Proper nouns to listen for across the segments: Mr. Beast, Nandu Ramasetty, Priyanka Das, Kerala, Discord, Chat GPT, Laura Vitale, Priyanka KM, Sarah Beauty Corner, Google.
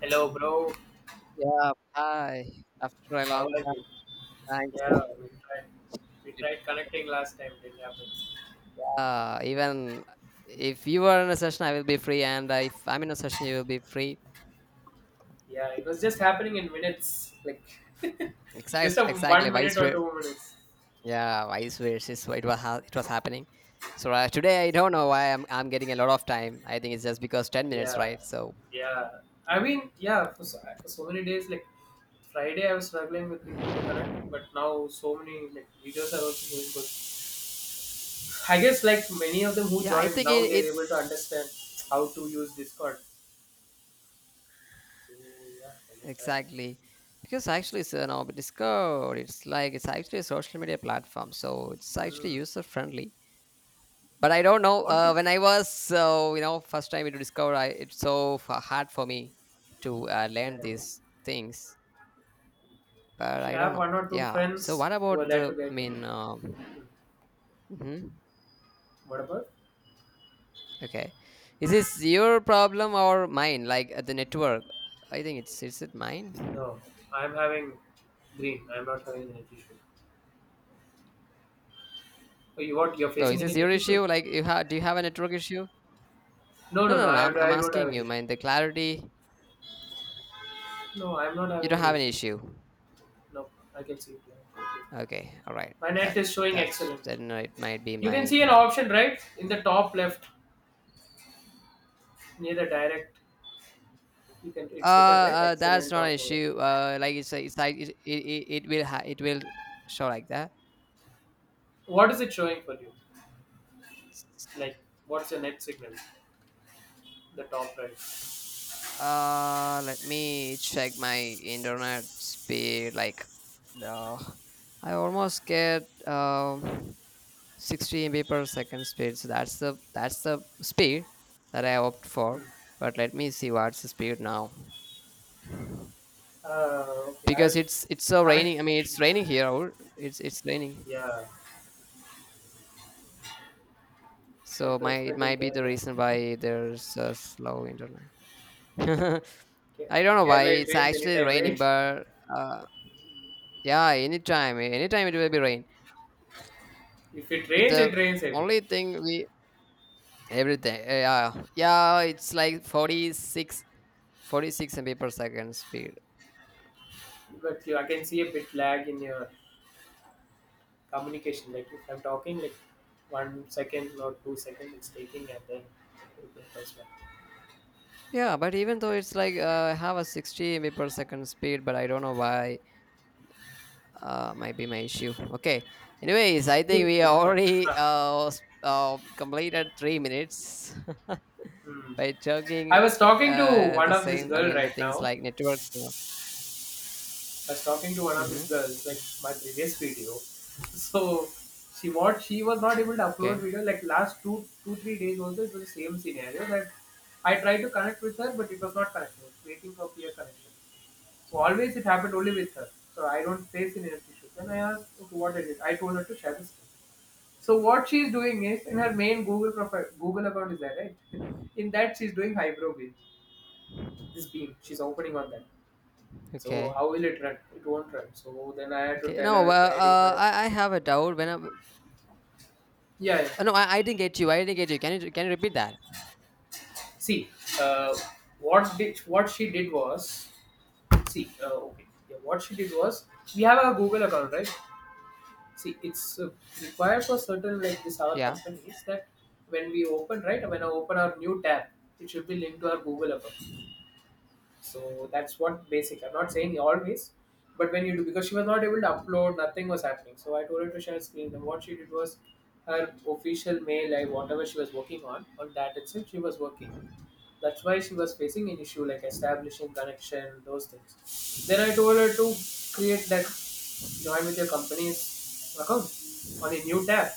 Hello, bro. Yeah, hi. After a How long are time, you? thanks. Yeah, we tried. We tried connecting last time. Didn't happen. Even if you are in a session, I will be free, and if I'm in a session, you will be free. Yeah, it was just happening in minutes, like just Exact, a exactly. one Vice minute or versa. 2 minutes. Yeah, vice versa is what It was ha- it was happening. So today, I don't know why I'm getting a lot of time. I think it's just because 10 minutes, Yeah, right? So yeah. I mean, yeah. For so many days, like Friday, I was struggling with people to connect, but now so many like videos are also doing good. I guess like many of them who yeah, I joined think now, they're able it's to understand how to use Discord. So yeah, I guess that. exactly because actually, so now Discord, it's like it's actually a social media platform, so it's actually Hmm. user friendly. But I But don't know. what When is I was, first time to Discover, it's so hard for me to yeah, learn yeah. these things. You But should I don't have know. one or two Yeah. So friends what who are about there the? Together. Mhm. What about? Okay. Is this your problem or mine? Like the network? I think it's. Is it mine? No, I'm having green. I'm not having net issue. Oh, you what? You're Oh, is facing this any your net issue? issue? Like you have? Do you have a network issue? No, No, no, no, no. no. I, I'm I don't have asking an you, issue. man. The clarity. No, I'm not You having don't an have an issue. issue. No, I can see it. Yeah. Okay. Okay. All right. My net That is showing that's excellent. then it might be You can mine. see an option right in the top left near the direct. You can. Uh, It's written right. that's Excellent not an top over. issue. Like it's like it will it will show like that. What is it showing for you? Like, what's your net signal? The top right. Let me check my internet speed. Uh, I almost get 60 MB per second speed. So that's the speed that I opt for. But let me see what's the speed now, Okay. I because was it's so connect raining. I mean, it's raining here. Out. It's raining. yeah, So what to my it expect in might be the Kerala? reason why there's a slow internet. Ke- I don't know why Kerala, it it's rains actually anytime, raining, right? but uh, yeah, anytime, anytime it will be rain. If it But rains, it the rains heavy. only thing we everything, yeah, yeah, it's like forty six, 46 MB per second speed. But you, I can see a bit lag in your communication. Like if I'm talking, like 1 second or 2 seconds, it's taking, and then that's right. Yeah, but even though it's like I have a 60 MB per second speed, but I don't know why might be my issue. Okay. Anyways, I think Good, we it's done. already Ah, completed 3 minutes. hmm. By I talking was talking to one the of this same, I girl mean the right things now. like networks. No. I was talking to one of Mm-hmm. these girls, like my previous video. So she what she was not able to upload Okay. video like last two three days also it was the same scenario that I tried to connect with her but it was not connecting. It was waiting for peer connection. So always it happened only with her. So I don't face any health issues. Then I asked, "Okay, what is it?" I told her to share the screen. So what she is doing is in her main Google profile Google account is there, right? In that she's doing high brow beam. This beam. She's opening on that. So Okay. how will it run? It won't run. So then I had to Okay. tell No. her, Well, guiding her. I have a doubt. When I Yeah, yeah. no, I didn't get you. I didn't get you. Can you can you repeat that? See, uh, what did what she did was, see, okay, yeah, what she did was, we have a Google account, right? See, it's required for certain like this our Yeah. companies that when we open, right, when I open our new tab, it should be linked to our Google account. So that's what basic. I'm not saying always, but when you do, because she was not able to upload, nothing was happening. So I told her to share screen. And what she did was her official mail, like whatever she was working on that itself, she was working. That's why she was facing an issue like establishing connection, those things. Then I told her to create that, join with your company's account on a new tab.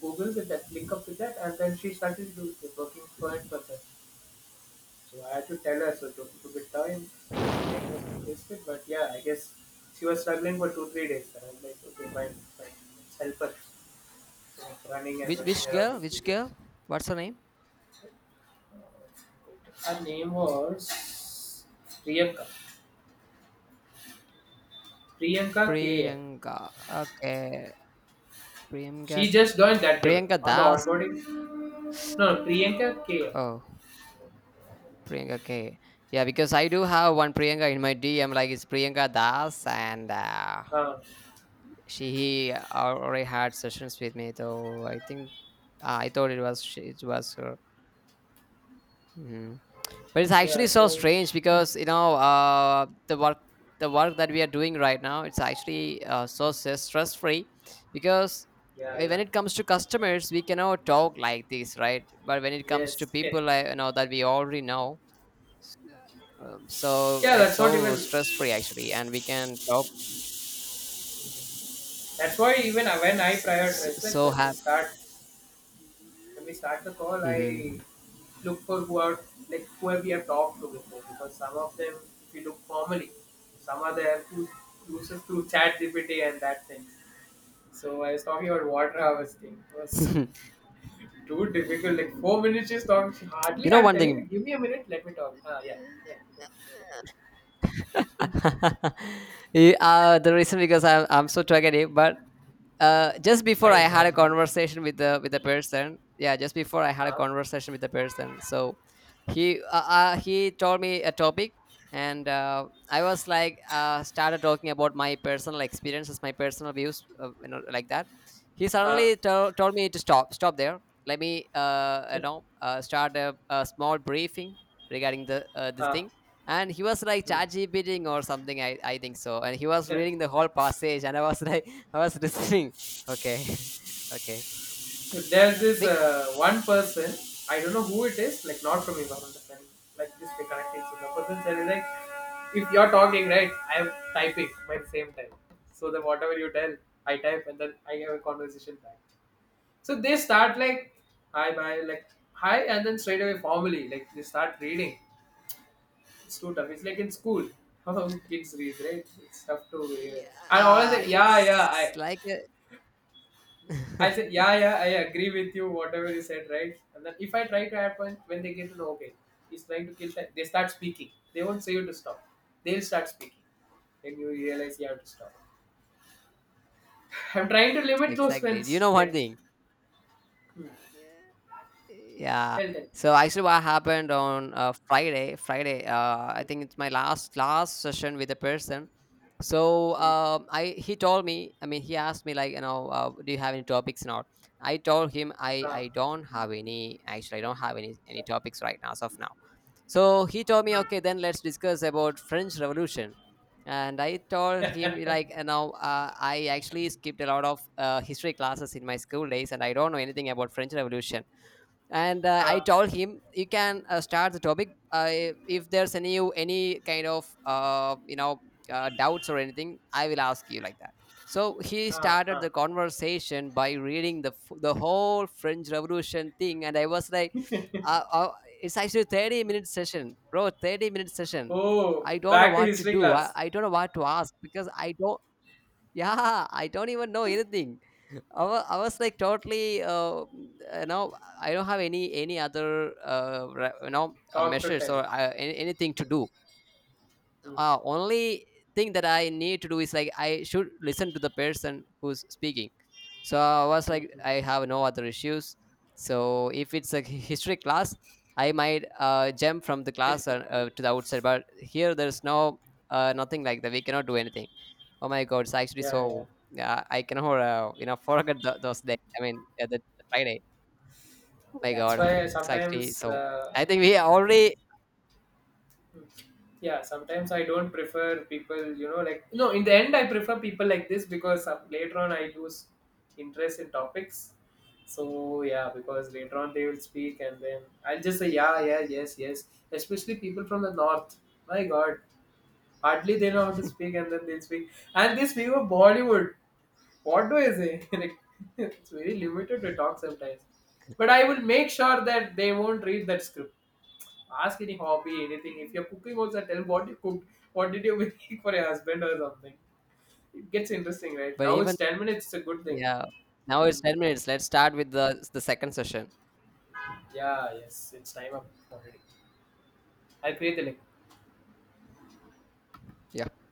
Google with that, link up with that, and then she started working for it, for that. So I had to tell her so took get time, yes, time was requested, but yeah, I guess she was struggling for two, 3 days. And I was like, okay, fine, fine, let's help her. So I running and Which rushing which around girl? with Which videos. girl? What's her name? Her name was Priyanka. Priyanka KM. Priyanka. Okay. Priyanka. She just joined that day Priyanka on the Das. onboarding. No, no, Priyanka KM. Oh. Priyanka, okay. Yeah, because I do have one Priyanka in my DM. Like it's Priyanka Das, and Uh, she already had sessions with me. So I think I thought it was her. Mhm. But it's yeah, actually so so strange because you know the work that we are doing right now, it's actually so stress free because yeah, yeah. when it comes to customers we cannot talk like this, right, but when it comes to Yes. people I you know that we already know. So Yeah, it's that's what so even stress free actually, and we can talk. that's why even when I prioritize like So happy. When we start the call, I Hmm. look for who are like who have we have talked to before because some of them, if you look formally, some are there who uses through Chat GPT and that thing. So I was talking about water harvesting. It was too difficult. Like 4 minutes she's talking. She You hardly. know I'm one telling her, thing. give me a minute. Let me talk. Ah, yeah, yeah. Yeah, the reason because I'm so talkative, but just before I Fine, had a fine. conversation with the person. Yeah, just before I had a Ah, conversation with the person. So he told me a topic, and I was like started talking about my personal experiences, my personal views, like that. He ah, suddenly told me to stop, stop there. Let me start a small briefing regarding the this ah. thing. And he was like Hmm. charging bidding or something, I think so. And he was reading the whole passage, and I was like, I was listening. Okay. Okay. So, there's this Big one person, I don't know who it is, like not from Imam the Science, like just they connected. So the person said is like, if you're talking, right, I'm typing by the same time. So then whatever you tell, I type and then I have a conversation back. So they start like, hi, bye, like, hi, and then straight away formally, like they start reading. It's too tough. It's like in school, how kids read, right? It's tough to read. yeah, And always like, it's like a. I said, yeah, yeah, I agree with you, whatever you said, right? And then if I try to happen, when they get to know, okay, he's trying to kill time, they start speaking. They won't say you to stop. They'll start speaking. Then you realize you have to stop. I'm trying to limit those Exactly. You know friends. one Like, thing. hmm, Yeah. tell them. So actually, what happened on Friday? Friday, I Hmm, think it's my last session with the person. So hmm, I he told me. I mean, he asked me like, you know, do you have any topics or not? I told him I ah, I don't have any. Actually, I don't have any stop. topics right now as of now. So he told me, okay, then let's discuss about French Revolution. And I told him like, now I actually skipped a lot of history classes in my school days and I don't know anything about French Revolution. And I Ah, told him you can start the topic, if there's any you any kind of doubts or anything I will ask you, like that. So he ah, started ah. the conversation by reading the whole French Revolution thing and I was like uh, uh, it's actually 30-minute session, bro, 30-minute session. Oh, I don't know back to what to history do. Class. I don't know what to ask because I don't. Yeah, I don't even know anything. I was like totally you know I don't have any other Talk to measures tell. or anything to Hmm, do. hmm, Only thing that I need to do is like I should listen to the person who's speaking. So I was hmm, like hmm. I have no other issues. So if it's a history class, I might jump from the class to the outside, but here there's no nothing like that, we cannot do anything. Oh my god, it's actually Yeah, yeah. so yeah I cannot forget those days, I mean yeah, the Friday. Oh my That's god. why It's actually sometimes so I think we already yeah sometimes I don't prefer people you know like no in the end I prefer people like this because later on I lose interest in topics so yeah because later on they will speak and then I'll just say yeah yeah yes yes especially people from the north my god hardly they know how to speak and then they speak and they speak of bollywood what do I say like it's very limited to talk sometimes but I will make sure that they won't read that script. Ask any hobby, anything. If you're cooking also, tell what you cooked. What did you make for your husband or something? It gets interesting, right? but Now even. it's 10 minutes, it's a good thing. Yeah. Now it's Hmm. 10 minutes. Let's start with the second session. Yeah, yes, it's time up already. I'll create the link. Yeah.